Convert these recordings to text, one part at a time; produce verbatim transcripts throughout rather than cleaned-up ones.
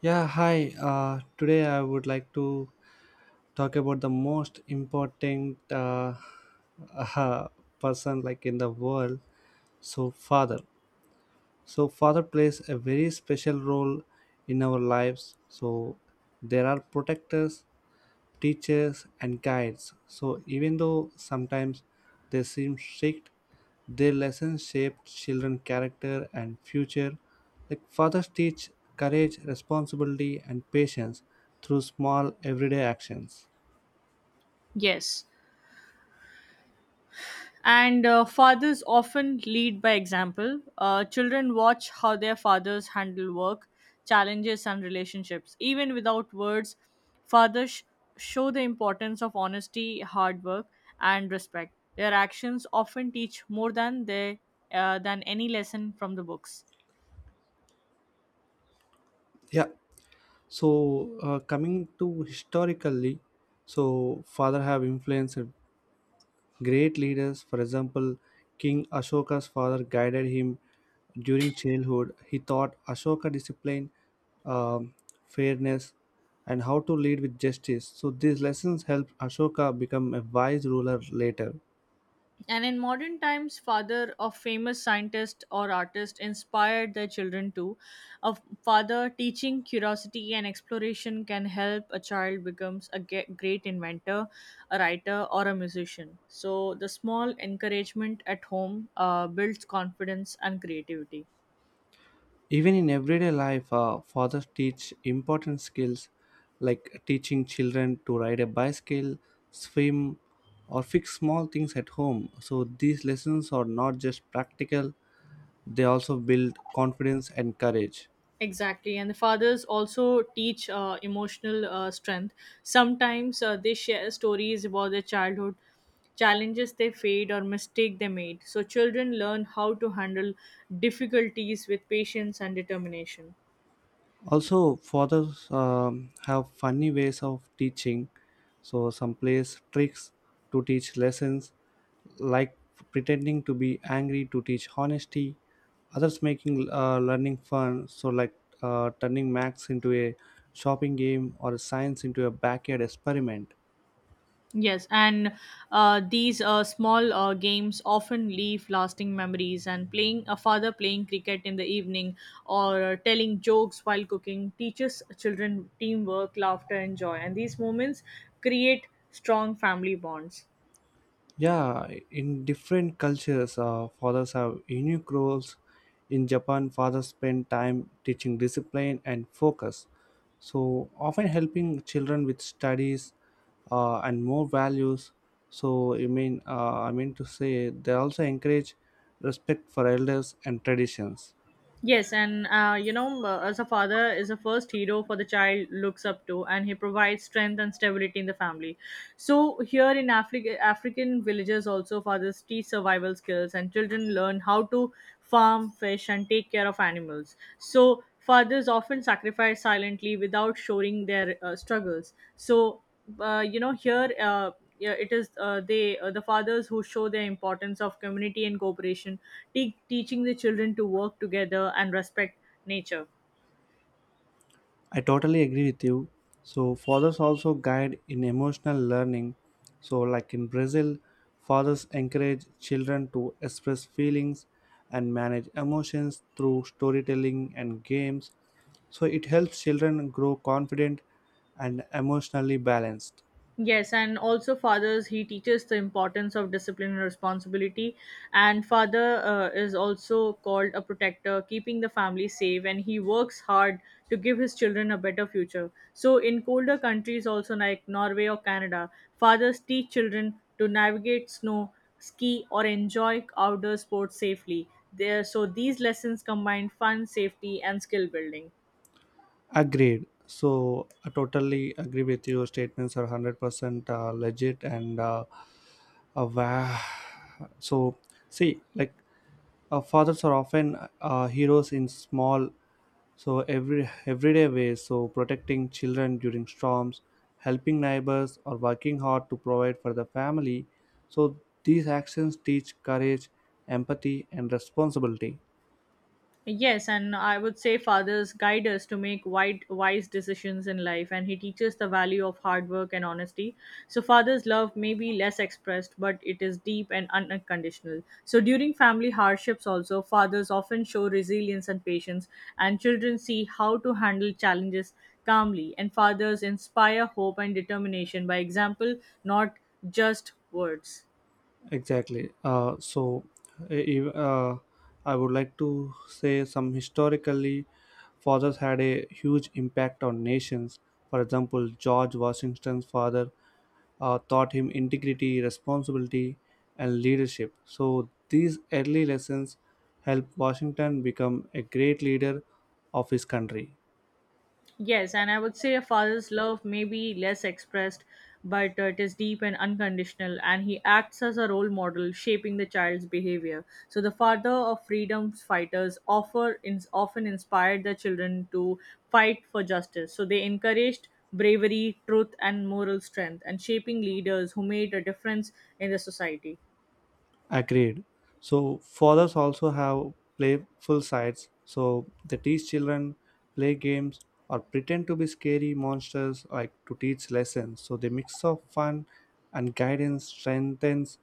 Yeah, hi. Uh, today I would like to talk about the most important uh, uh, person like in the world. So father. So father plays a very special role in our lives. So there are protectors teachers, and guides. So, even though sometimes they seem strict, their lessons shape children's character and future. Like fathers teach courage, responsibility, and patience through small everyday actions. Yes. And uh, fathers often lead by example. Uh, children watch how their fathers handle work, challenges, and relationships. Even without words, fathers sh- show the importance of honesty, hard work, and respect. Their actions often teach more than they uh, than any lesson from the books. Yeah. So uh, coming to historically, so father have influenced great leaders, for example, King Ashoka's father guided him during childhood. He taught Ashoka discipline, um, fairness, and how to lead with justice. So these lessons helped Ashoka become a wise ruler later. And in modern times, father of famous scientist or artist inspired their children too. A father teaching curiosity and exploration can help a child becomes a ge- great inventor, a writer, or a musician. So the small encouragement at home uh, builds confidence and creativity. Even in everyday life, uh, fathers teach important skills like teaching children to ride a bicycle, swim, or fix small things at home. So these lessons are not just practical, they also build confidence and courage. Exactly, and the fathers also teach uh, emotional uh, strength. Sometimes uh, they share stories about their childhood, challenges they faced, or mistake they made. So children learn how to handle difficulties with patience and determination. Also fathers um, have funny ways of teaching, so some plays tricks to teach lessons, like pretending to be angry to teach honesty, others making uh, learning fun, so like uh, turning max into a shopping game or science into a backyard experiment. Yes, and uh, these uh, small uh, games often leave lasting memories. And playing a father playing cricket in the evening or uh, telling jokes while cooking teaches children teamwork, laughter, and joy. And these moments create strong family bonds. Yeah, in different cultures, uh, fathers have unique roles. In Japan, fathers spend time teaching discipline and focus, so often helping children with studies uh, and more values. So, I mean, uh, I mean to say, they also encourage respect for elders and traditions. Yes, and uh, you know, uh, as a father is the first hero for the child looks up to, and he provides strength and stability in the family. So here in Africa, African villages also fathers teach survival skills, and children learn how to farm, fish, and take care of animals. So fathers often sacrifice silently without showing their uh, struggles. So uh, you know here uh, yeah, it is uh, they uh, the fathers who show the importance of community and cooperation, te- teaching the children to work together and respect nature. I totally agree with you. So fathers also guide in emotional learning. So like in Brazil, fathers encourage children to express feelings and manage emotions through storytelling and games. So it helps children grow confident and emotionally balanced. Yes, and also fathers, he teaches the importance of discipline and responsibility. And father uh, is also called a protector, keeping the family safe, and he works hard to give his children a better future. So, in colder countries, also like Norway or Canada, fathers teach children to navigate snow, ski, or enjoy outdoor sports safely. There, so these lessons combine fun, safety, and skill building. Agreed. So I totally agree with your statements are one hundred percent uh, legit and uh, uh, wow. So see, like uh, fathers are often uh, heroes in small, so every everyday ways, so protecting children during storms, helping neighbors or working hard to provide for the family, so these actions teach courage, empathy and responsibility. Yes, and I would say fathers guide us to make wide, wise decisions in life, and he teaches the value of hard work and honesty. So, father's love may be less expressed, but it is deep and un- unconditional. So, during family hardships, also, fathers often show resilience and patience, and children see how to handle challenges calmly. And fathers inspire hope and determination by example, not just words. Exactly. Uh, so, e- e, uh, I would like to say some historically, fathers had a huge impact on nations. For example, George Washington's father uh, taught him integrity, responsibility, and leadership. So, these early lessons helped Washington become a great leader of his country. Yes, and I would say a father's love may be less expressed, but uh, it is deep and unconditional, and he acts as a role model, shaping the child's behavior. So, the father of freedom fighters offer ins often inspired their children to fight for justice. So, they encouraged bravery, truth, and moral strength, and shaping leaders who made a difference in the society. Agreed. So fathers also have playful sides. So they teach children play games or pretend to be scary monsters like to teach lessons. So the mix of fun and guidance strengthens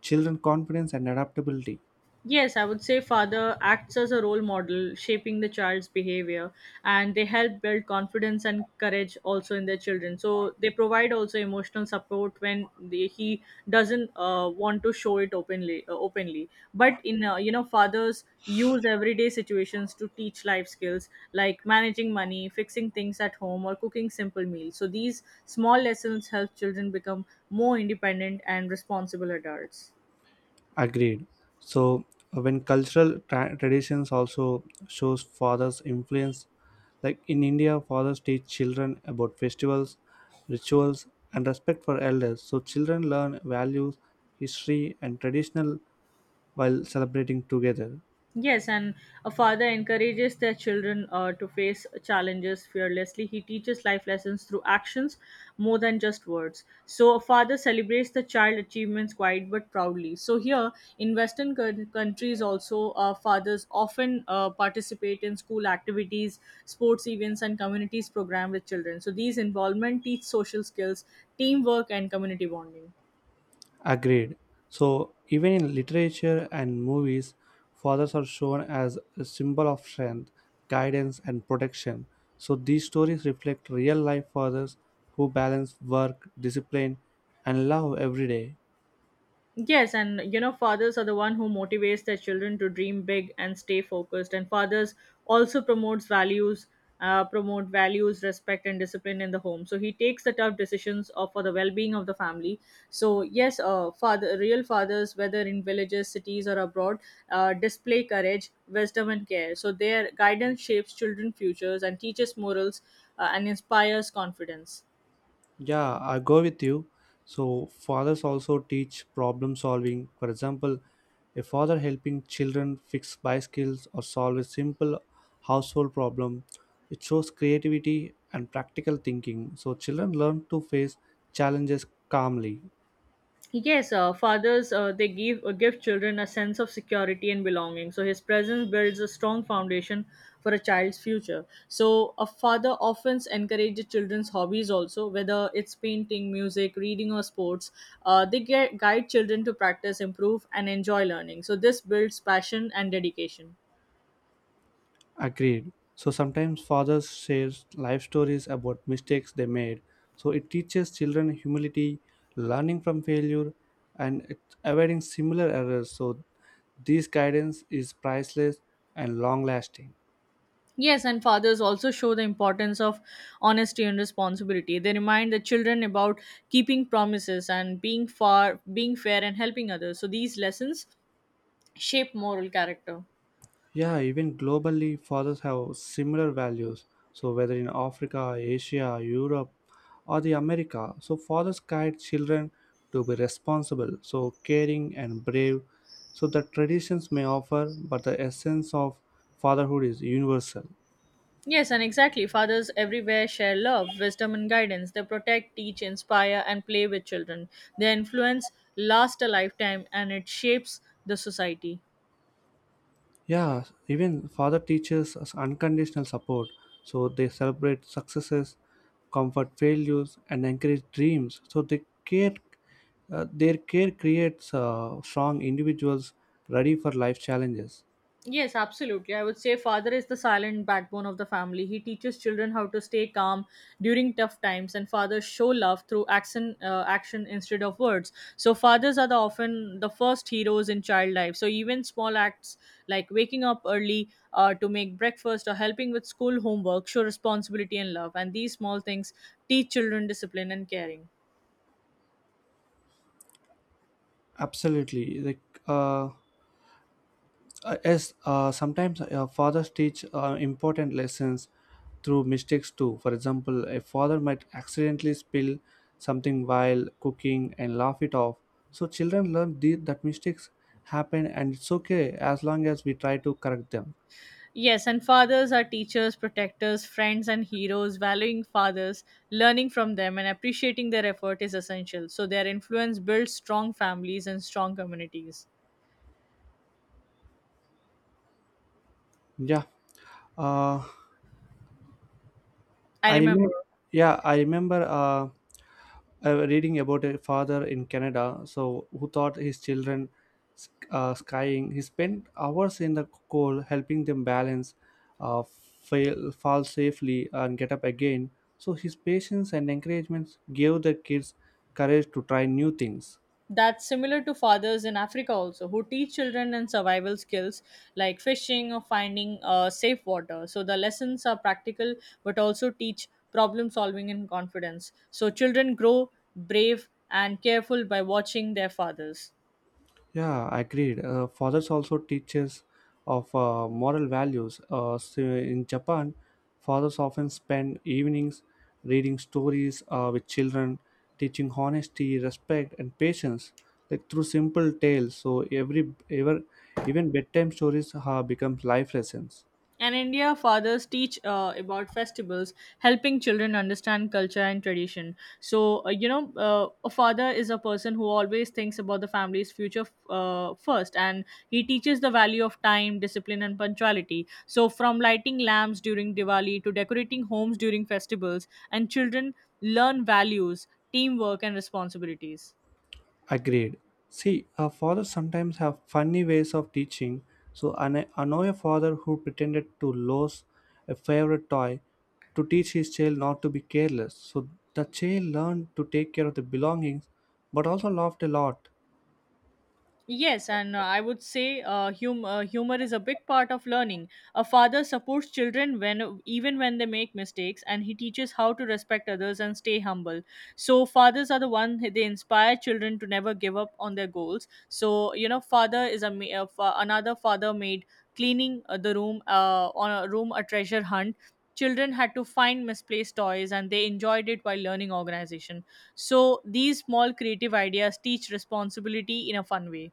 children confidence and adaptability. Yes, I would say father acts as a role model, shaping the child's behavior, and they help build confidence and courage also in their children. So they provide also emotional support when they, he doesn't uh, want to show it openly. Uh, openly, but in uh, you know fathers use everyday situations to teach life skills like managing money, fixing things at home, or cooking simple meals. So these small lessons help children become more independent and responsible adults. Agreed. So uh, when cultural tra- traditions also shows father's influence, like in India, fathers teach children about festivals, rituals, and respect for elders. So children learn values, history, and traditional while celebrating together. Yes, and a father encourages their children uh, to face challenges fearlessly. He teaches life lessons through actions more than just words. So, a father celebrates the child achievements quite but proudly. So, here in Western coun- countries, also, uh, fathers often uh, participate in school activities, sports events, and communities program with children. So, these involvement teach social skills, teamwork, and community bonding. Agreed. So, even in literature and movies, fathers are shown as a symbol of strength, guidance, and protection. So, these stories reflect real life fathers who balance work, discipline, and love every day. Yes, and you know, fathers are the one who motivates their children to dream big and stay focused. And fathers also promotes values, uh, promote values, respect, and discipline in the home. So he takes the tough decisions of, for the well-being of the family. So yes, uh, father, real fathers, whether in villages, cities, or abroad, uh, display courage, wisdom, and care. So their guidance shapes children's futures and teaches morals uh, and inspires confidence. Yeah, I go with you. So, fathers also teach problem solving. For example, a father helping children fix bicycles or solve a simple household problem. It shows creativity and practical thinking. So, children learn to face challenges calmly. Yes, uh, fathers uh, they give uh, give children a sense of security and belonging. So his presence builds a strong foundation for a child's future. So a father often encourages children's hobbies also, whether it's painting, music, reading, or sports. Uh, they get, guide children to practice, improve, and enjoy learning. So this builds passion and dedication. Agreed. So sometimes fathers share life stories about mistakes they made. So it teaches children humility, learning from failure, and it- avoiding similar errors. So this guidance is priceless and long lasting. Yes, and fathers also show the importance of honesty and responsibility. They remind the children about keeping promises and being far being fair and helping others. So these lessons shape moral character. Yeah, even globally, fathers have similar values. So, whether in Africa, Asia, Europe, or the America, so fathers guide children to be responsible, so caring and brave. So, the traditions may offer, but the essence of fatherhood is universal. Yes, and exactly. Fathers everywhere share love, wisdom and guidance. They protect, teach, inspire and play with children. Their influence lasts a lifetime and it shapes the society. Yeah, even father teaches us unconditional support. So they celebrate successes, comfort failures, and encourage dreams. So they care, uh, their care creates uh, strong individuals ready for life challenges. Yes, absolutely. I would say father is the silent backbone of the family. He teaches children how to stay calm during tough times, and fathers show love through action, uh, action instead of words. So fathers are the often the first heroes in child life. So even small acts like waking up early uh, to make breakfast or helping with school homework show responsibility and love. And these small things teach children discipline and caring. Absolutely, like uh, Uh, yes, uh, sometimes uh, fathers teach uh, important lessons through mistakes too. For example, a father might accidentally spill something while cooking and laugh it off. So children learn the, that mistakes happen and it's okay as long as we try to correct them. Yes, and fathers are teachers, protectors, friends, and heroes. Valuing fathers, learning from them, and appreciating their effort is essential. So, their influence builds strong families and strong communities. Yeah. Uh, I I remember remember, yeah, I remember uh, uh, reading about a father in Canada, so who taught his children sk- uh, skying. He spent hours in the cold helping them balance, uh, fail, fall safely, and get up again. So his patience and encouragement gave the kids courage to try new things. that's similar to fathers in Africa also, who teach children and survival skills like fishing or finding uh, safe water. So, the lessons are practical but also teach problem solving and confidence. So, children grow brave and careful by watching their fathers. Yeah, agreed. Uh, fathers also teaches of uh, moral values. Uh, so in Japan, fathers often spend evenings reading stories uh, with children, teaching honesty, respect, and patience, like through simple tales. So every ever even bedtime stories uh, becomes life lessons. In India, fathers teach uh, about festivals, helping children understand culture and tradition. So, uh, you know, uh, a father is a person who always thinks about the family's future uh, first, and he teaches the value of time, discipline, and punctuality. So, from lighting lamps during Diwali to decorating homes during festivals, and children learn values, teamwork, and responsibilities. Agreed. See, our fathers sometimes have funny ways of teaching. So I kn- I know a father who pretended to lose a favorite toy to teach his child not to be careless. So the child learned to take care of the belongings, but also laughed a lot. Yes, and uh, I would say uh, hum- uh, humor is a big part of learning. A father supports children when even when they make mistakes, and he teaches how to respect others and stay humble. So fathers are the one they inspire children to never give up on their goals. So you know, father is a, ma- a fa- another father made cleaning uh, the room uh, on a room a treasure hunt. Children had to find misplaced toys, and they enjoyed it while learning organization. So these small creative ideas teach responsibility in a fun way.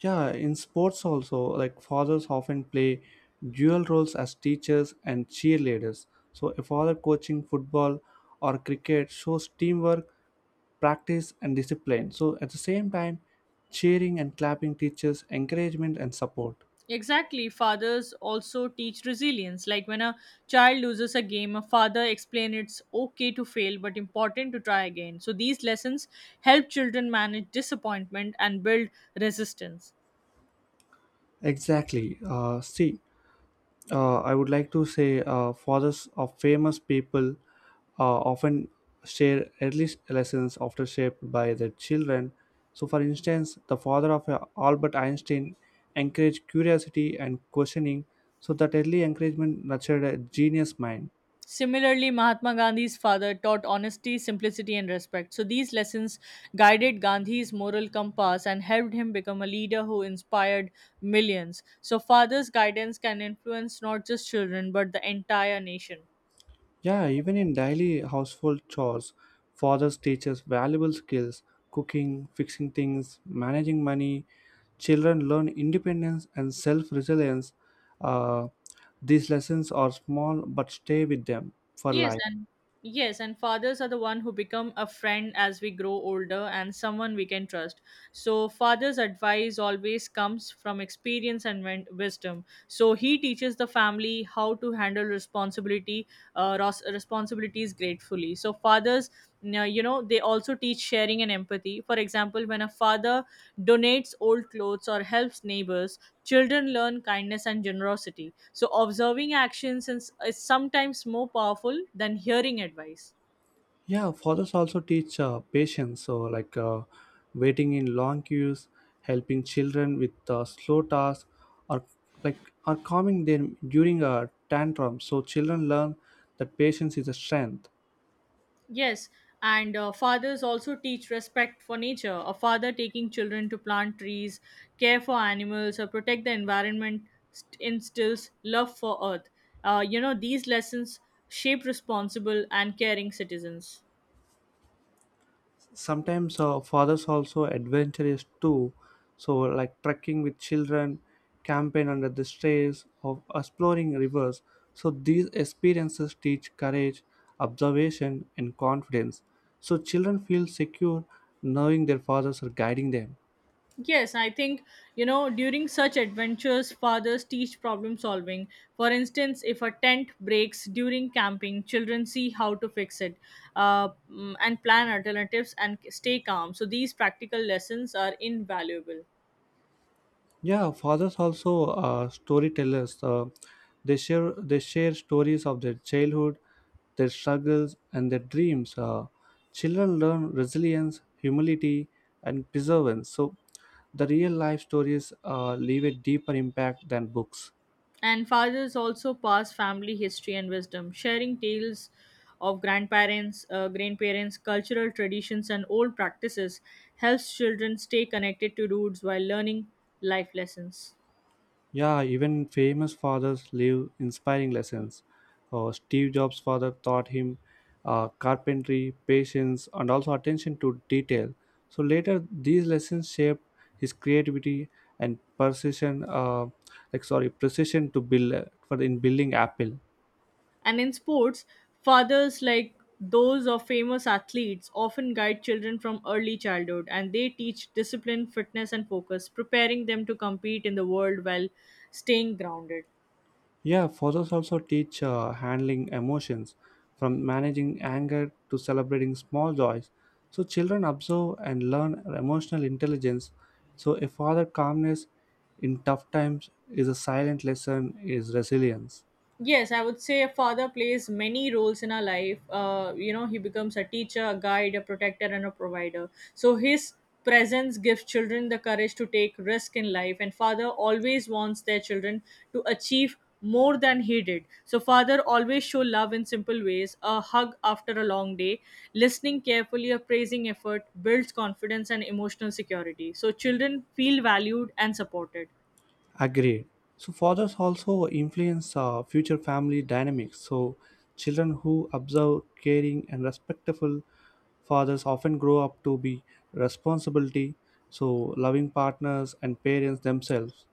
Yeah, in sports also, like fathers often play dual roles as teachers and cheerleaders. So, a father coaching football or cricket shows teamwork, practice, and discipline. So, at the same time, cheering and clapping teaches encouragement and support. Exactly. Fathers also teach resilience. Like when a child loses a game, a father explains it's okay to fail, but important to try again. So these lessons help children manage disappointment and build resistance. Exactly. Uh, see, uh, I would like to say uh, fathers of famous people uh, often share early lessons after shaped by their children. So, for instance, the father of uh, Albert Einstein encouraged curiosity and questioning, so that early encouragement nurtured a genius mind. Similarly, Mahatma Gandhi's father taught honesty, simplicity, and respect. So these lessons guided Gandhi's moral compass and helped him become a leader who inspired millions. So, father's guidance can influence not just children but the entire nation. Yeah, even in daily household chores, fathers teach us valuable skills cooking, fixing things, managing money. Children learn independence and self resilience. Uh, these lessons are small but stay with them for Yes, life. and yes, and fathers are the one who become a friend as we grow older and someone we can trust. So father's advice always comes from experience and win- wisdom. So he teaches the family how to handle responsibility, uh, ros- responsibilities gratefully. So fathers now, you know, they also teach sharing and empathy. For example, when a father donates old clothes or helps neighbors, children learn kindness and generosity. So, observing actions is, is sometimes more powerful than hearing advice. Yeah, fathers also teach uh, patience, so like uh, waiting in long queues, helping children with uh, slow tasks, or like or calming them during a tantrum. So children learn that patience is a strength. Yes, and uh, fathers also teach respect for nature. A father taking children to plant trees, care for animals, or protect the environment st- instills love for earth. Uh, you know, these lessons shape responsible and caring citizens. Sometimes uh, fathers also adventurous too, so like trekking with children, camping under the stars or exploring rivers, so these experiences teach courage, observation and confidence, so children feel secure knowing their fathers are guiding them. Yes, I think, you know, during such adventures, fathers teach problem solving. For instance, if a tent breaks during camping, children see how to fix it uh, mm, and plan alternatives and stay calm. So these practical lessons are invaluable. Yeah, fathers also uh, storytellers. Uh, they share they share stories of their childhood, their struggles, and their dreams. Uh, children learn resilience, humility, and perseverance. So, the real life stories uh, leave a deeper impact than books. And fathers also pass family history and wisdom, sharing tales of grandparents, uh, grandparents, cultural traditions, and old practices helps children stay connected to roots while learning life lessons. Yeah, even famous fathers leave inspiring lessons. Uh, Steve Jobs' father taught him uh, carpentry, patience, and also attention to detail. So later, these lessons shaped his creativity and precision. Uh, like sorry, precision to build uh, for in building Apple. And in sports, fathers like those of famous athletes often guide children from early childhood and they teach discipline, fitness, and focus, preparing them to compete in the world while staying grounded. Yeah, photos also teach uh, handling emotions, from managing anger to celebrating small joys. So children observe and learn emotional intelligence. So a father calmness in tough times is a silent lesson is resilience. Yes, I would say a father plays many roles in our life. Uh, you know, he becomes a teacher, a guide, a protector, and a provider. So his presence gives children the courage to take risk in life, and father always wants their children to achieve more than he did. So father always show love in simple ways, a hug after a long day, listening carefully, a praising effort builds confidence and emotional security. So children feel valued and supported. Agreed. So fathers also influence uh, future family dynamics. So children who observe caring and respectful fathers often grow up to be responsibility, so loving partners and parents themselves.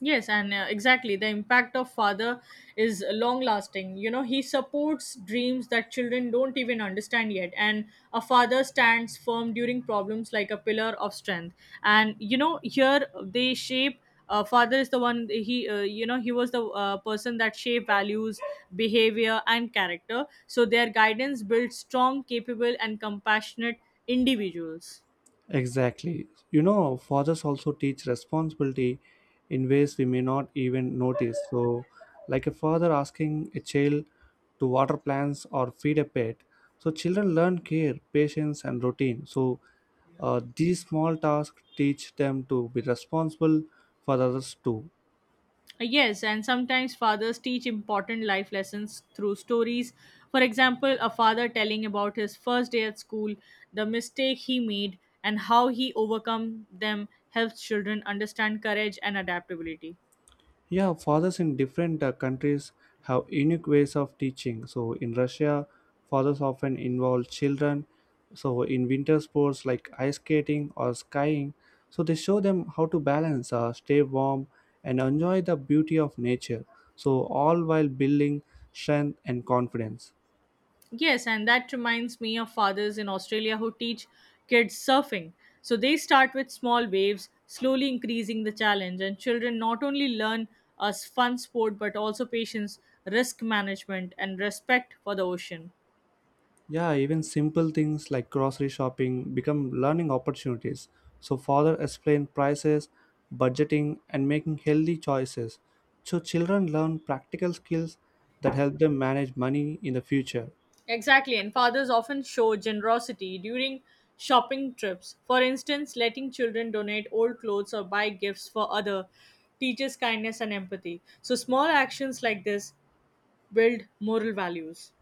Yes, and uh, exactly. The impact of father is long lasting. You know, he supports dreams that children don't even understand yet. And a father stands firm during problems like a pillar of strength. And, you know, here they shape. Uh, father is the one he uh, you know he was the uh, person that shaped values, behavior, and character, so their guidance builds strong, capable, and compassionate individuals. Exactly. You know, fathers also teach responsibility in ways we may not even notice. So, like a father asking a child to water plants or feed a pet. So, children learn care, patience, and routine. So, uh, these small tasks teach them to be responsible for others too. Uh, Yes, and sometimes fathers teach important life lessons through stories. For example, a father telling about his first day at school, the mistake he made, and how he overcome them helps children understand courage and adaptability. Yeah, fathers in different uh, countries have unique ways of teaching. So in Russia, fathers often involve children. So in winter sports like ice skating or skiing, so they show them how to balance, uh, stay warm, and enjoy the beauty of nature. So all while building strength and confidence. Yes, and that reminds me of fathers in Australia who teach kids surfing. So they start with small waves, slowly increasing the challenge, and children not only learn a s- fun sport but also patience, risk management, and respect for the ocean. Yeah, even simple things like grocery shopping become learning opportunities. So, father explain prices, budgeting, and making healthy choices. So, children learn practical skills that help them manage money in the future. Exactly, and fathers often show generosity during shopping trips. For instance, letting children donate old clothes or buy gifts for other teaches kindness and empathy. So small actions like this build moral values.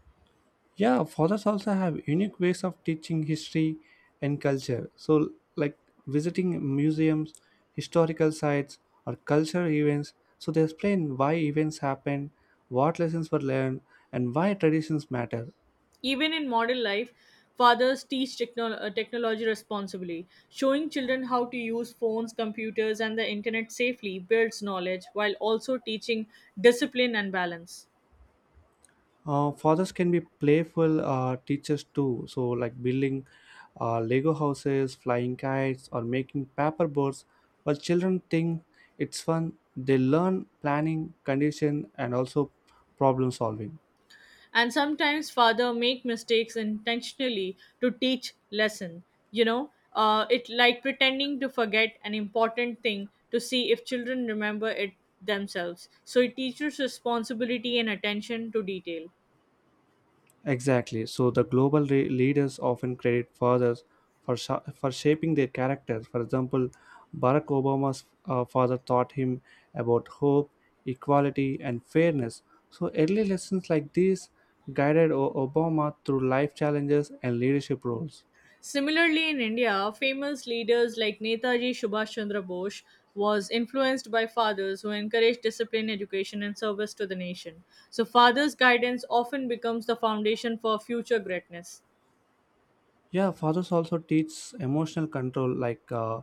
Yeah, fathers also have unique ways of teaching history and culture. So, like visiting museums, historical sites, or cultural events. So, they explain why events happened, what lessons were learned, and why traditions matter. Even in modern life, fathers teach techno- uh, technology responsibly. Showing children how to use phones, computers, and the internet safely builds knowledge while also teaching discipline and balance. Uh, fathers can be playful uh, teachers too, so like building uh, Lego houses, flying kites, or making paper boats. While children think it's fun, they learn planning, condition, and also problem solving. And sometimes father make mistakes intentionally to teach lesson. You know uh, it like pretending to forget an important thing to see if children remember it themselves, so it teaches responsibility and attention to detail. Exactly. So the global re- leaders often credit fathers for sha- for shaping their characters. For example, Barack Obama's uh, father taught him about hope, equality, and fairness. So early lessons like these guided o- Obama through life challenges and leadership roles. Similarly, in India, famous leaders like Netaji Subhash Chandra Bose was influenced by fathers who encouraged discipline, education, and service to the nation. So, fathers' guidance often becomes the foundation for future greatness. Yeah, fathers also teach emotional control. Like uh,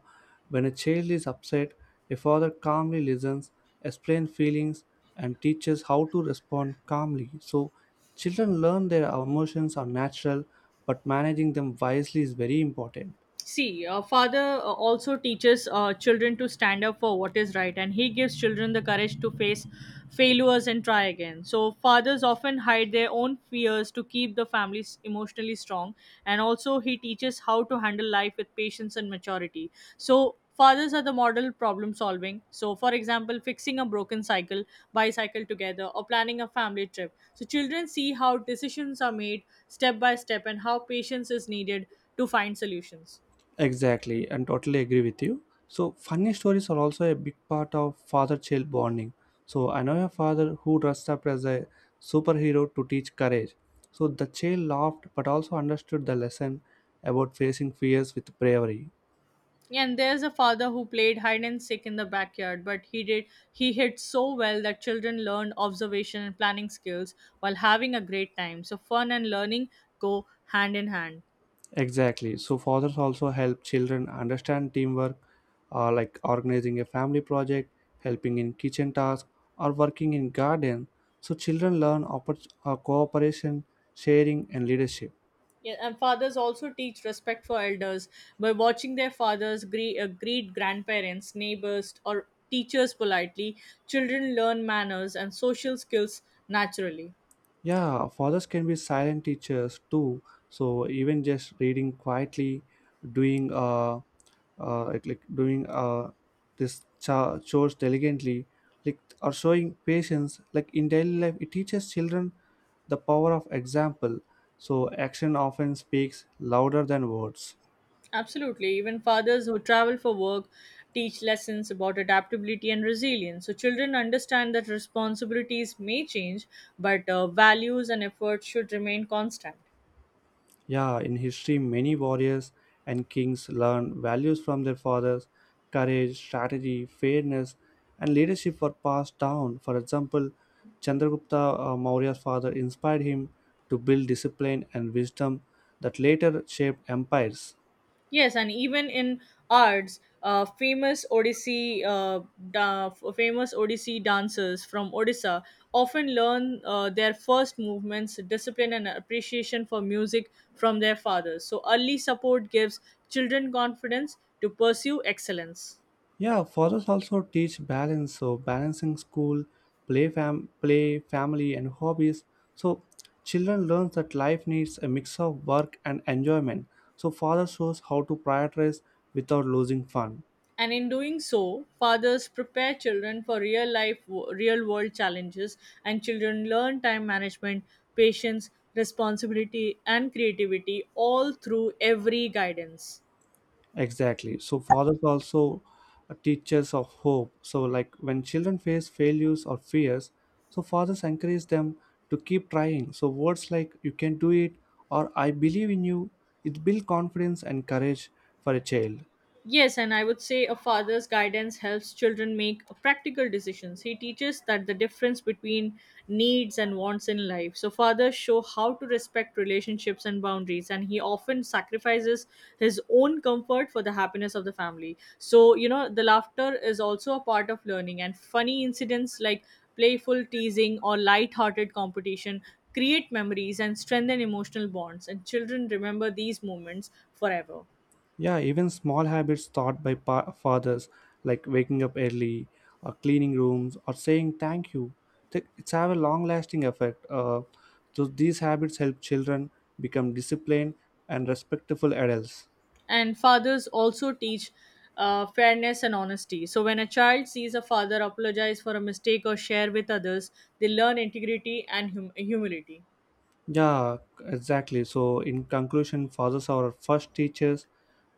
when a child is upset, a father calmly listens, explains feelings, and teaches how to respond calmly. So, children learn their emotions are natural, but managing them wisely is very important. See, a father uh, also teaches uh, children to stand up for what is right, and he gives children the courage to face failures and try again. So, fathers often hide their own fears to keep the families emotionally strong, and also he teaches how to handle life with patience and maturity. So, fathers are the model problem solving. So, for example, fixing a broken cycle, bicycle together, or planning a family trip. So, children see how decisions are made step by step and how patience is needed to find solutions. Exactly, and totally agree with you. So, funny stories are also a big part of father child bonding. So, I know a father who dressed up as a superhero to teach courage. So, the child laughed but also understood the lesson about facing fears with bravery. Yeah, and there's a father who played hide and seek in the backyard, but he did he hid so well that children learned observation and planning skills while having a great time. So fun and learning go hand in hand. Exactly. So, fathers also help children understand teamwork, uh, like organizing a family project, helping in kitchen tasks, or working in garden. So, children learn oppor- uh, cooperation, sharing, and leadership. Yeah, and fathers also teach respect for elders by watching their fathers gre- uh, greet grandparents, neighbors, or teachers politely. Children learn manners and social skills naturally. Yeah, fathers can be silent teachers too. So even just reading quietly, doing uh, uh like, like doing uh this cha- chores diligently, like or showing patience, like in daily life, it teaches children the power of example. So action often speaks louder than words. Absolutely. Even fathers who travel for work teach lessons about adaptability and resilience. So children understand that responsibilities may change, but uh, values and efforts should remain constant. Yeah, in history, many warriors and kings learned values from their fathers. Courage, strategy, fairness, and leadership were passed down. For example, Chandragupta uh, Maurya's father inspired him to build discipline and wisdom that later shaped empires. Yes, and even in arts, uh, famous Odissi, uh, da- famous Odissi dancers from Odisha often learn uh, their first movements, discipline, and appreciation for music from their fathers. So early support gives children confidence to pursue excellence. Yeah, fathers also teach balance, so balancing school, play, fam- play, family, and hobbies. So children learn that life needs a mix of work and enjoyment. So father shows how to prioritize without losing fun. And in doing so, fathers prepare children for real life, real world challenges, and children learn time management, patience, responsibility, and creativity all through every guidance. Exactly. So fathers also are teachers of hope. So like when children face failures or fears, so fathers encourage them to keep trying. So words like "you can do it" or "I believe in you," it build confidence and courage for a child. Yes, and I would say a father's guidance helps children make practical decisions. He teaches that the difference between needs and wants in life. So fathers show how to respect relationships and boundaries, and he often sacrifices his own comfort for the happiness of the family. So, you know, the laughter is also a part of learning, and funny incidents like playful teasing or light-hearted competition create memories and strengthen emotional bonds, and children remember these moments forever. Yeah, even small habits taught by pa- fathers, like waking up early, or cleaning rooms, or saying thank you, th- it's have a long-lasting effect. Uh, so these habits help children become disciplined and respectful adults. And fathers also teach uh, fairness and honesty, so when a child sees a father apologize for a mistake or share with others, they learn integrity and hum- humility. Yeah, exactly. So, in conclusion, fathers are our first teachers,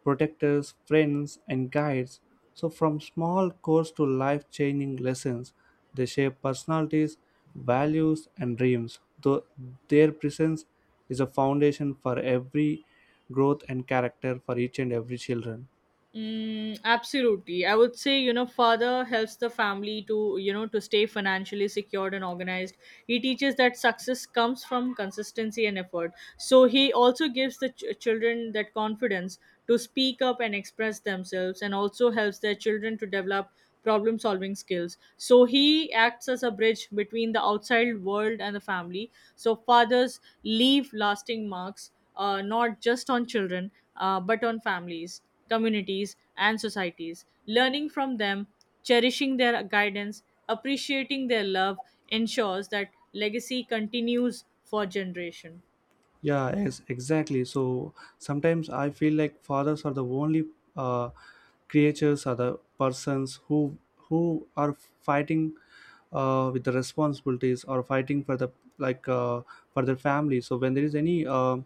protectors, friends, and guides. So, from small course to life changing lessons, they shape personalities, values, and dreams. Though their presence is a foundation for every growth and character for each and every children. Mm, absolutely. I would say, you know, father helps the family to, you know, to stay financially secured and organized. He teaches that success comes from consistency and effort. So he also gives the ch- children that confidence to speak up and express themselves, and also helps their children to develop problem solving skills. So he acts as a bridge between the outside world and the family. So fathers leave lasting marks, uh, not just on children, uh, but on families, communities, and societies. Learning from them, cherishing their guidance, appreciating their love ensures that legacy continues for generation. Yeah, yes, exactly. So sometimes I feel like fathers are the only uh, creatures or the persons who who are fighting uh, with the responsibilities or fighting for the like uh, for their family. So when there is any uh,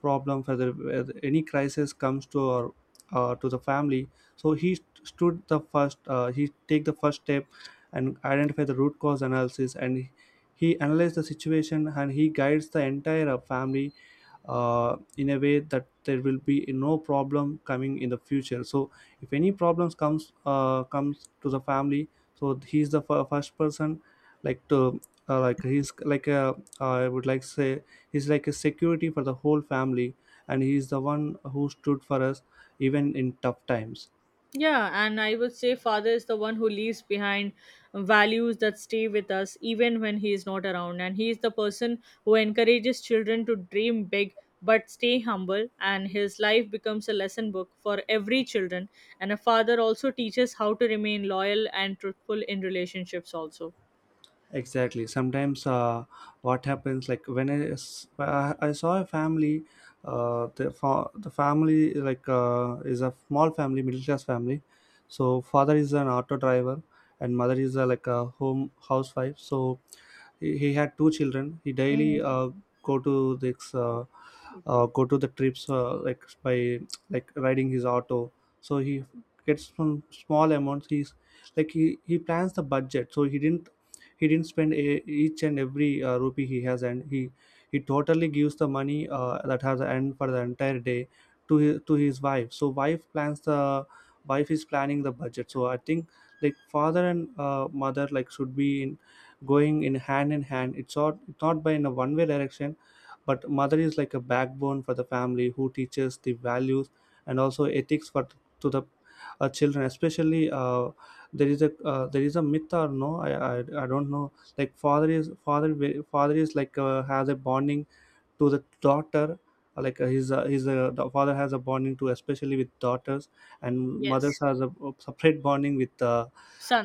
problem, for the where any crisis comes to our uh, to the family, so he st- stood the first. Uh, he take the first step and identify the root cause analysis and. He analyzes the situation and he guides the entire uh, family uh, in a way that there will be no problem coming in the future. So if any problems comes uh, comes to the family, so he's the f- first person like to uh, like he's like a uh, I would like say he's like a security for the whole family, and he's the one who stood for us even in tough times. Yeah, and I would say father is the one who leaves behind values that stay with us even when he is not around. And he is the person who encourages children to dream big but stay humble. And his life becomes a lesson book for every children. And a father also teaches how to remain loyal and truthful in relationships also. Exactly. Sometimes, uh, what happens like when I, s- I I saw a family, uh, the fa- the family like uh, is a small family, middle class family. So father is an auto driver, and mother is a, like a home housewife. So he, he had two children. He daily uh, go to this uh, uh, go to the trips uh, like by like riding his auto. So he gets some small amounts. He's like he, he plans the budget. So he didn't he didn't spend a, each and every uh, rupee he has, and he he totally gives the money uh, that has and for the entire day to his, to his wife. So wife plans the wife is planning the budget. So I think like father and uh, mother like should be in going in hand in hand. It's not, it's not by in a one way direction, but mother is like a backbone for the family who teaches the values and also ethics for to the uh, children, especially. Uh, there is a uh, there is a myth or no, I, I i don't know, like father is father wi- father is like uh, has a bonding to the daughter, uh, like uh, his uh, his uh, the father has a bonding to especially with daughters, and mothers Yes. has a separate bonding with uh,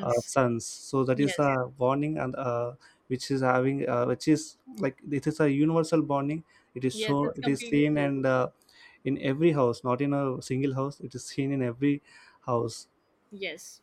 uh, sons. So that is Yes. a bonding, and uh, which is having uh, which is like this is a universal bonding. It is Yes, so, it's it is completely seen, true. and uh, in every house, not in a single house, it is seen in every house. Yes.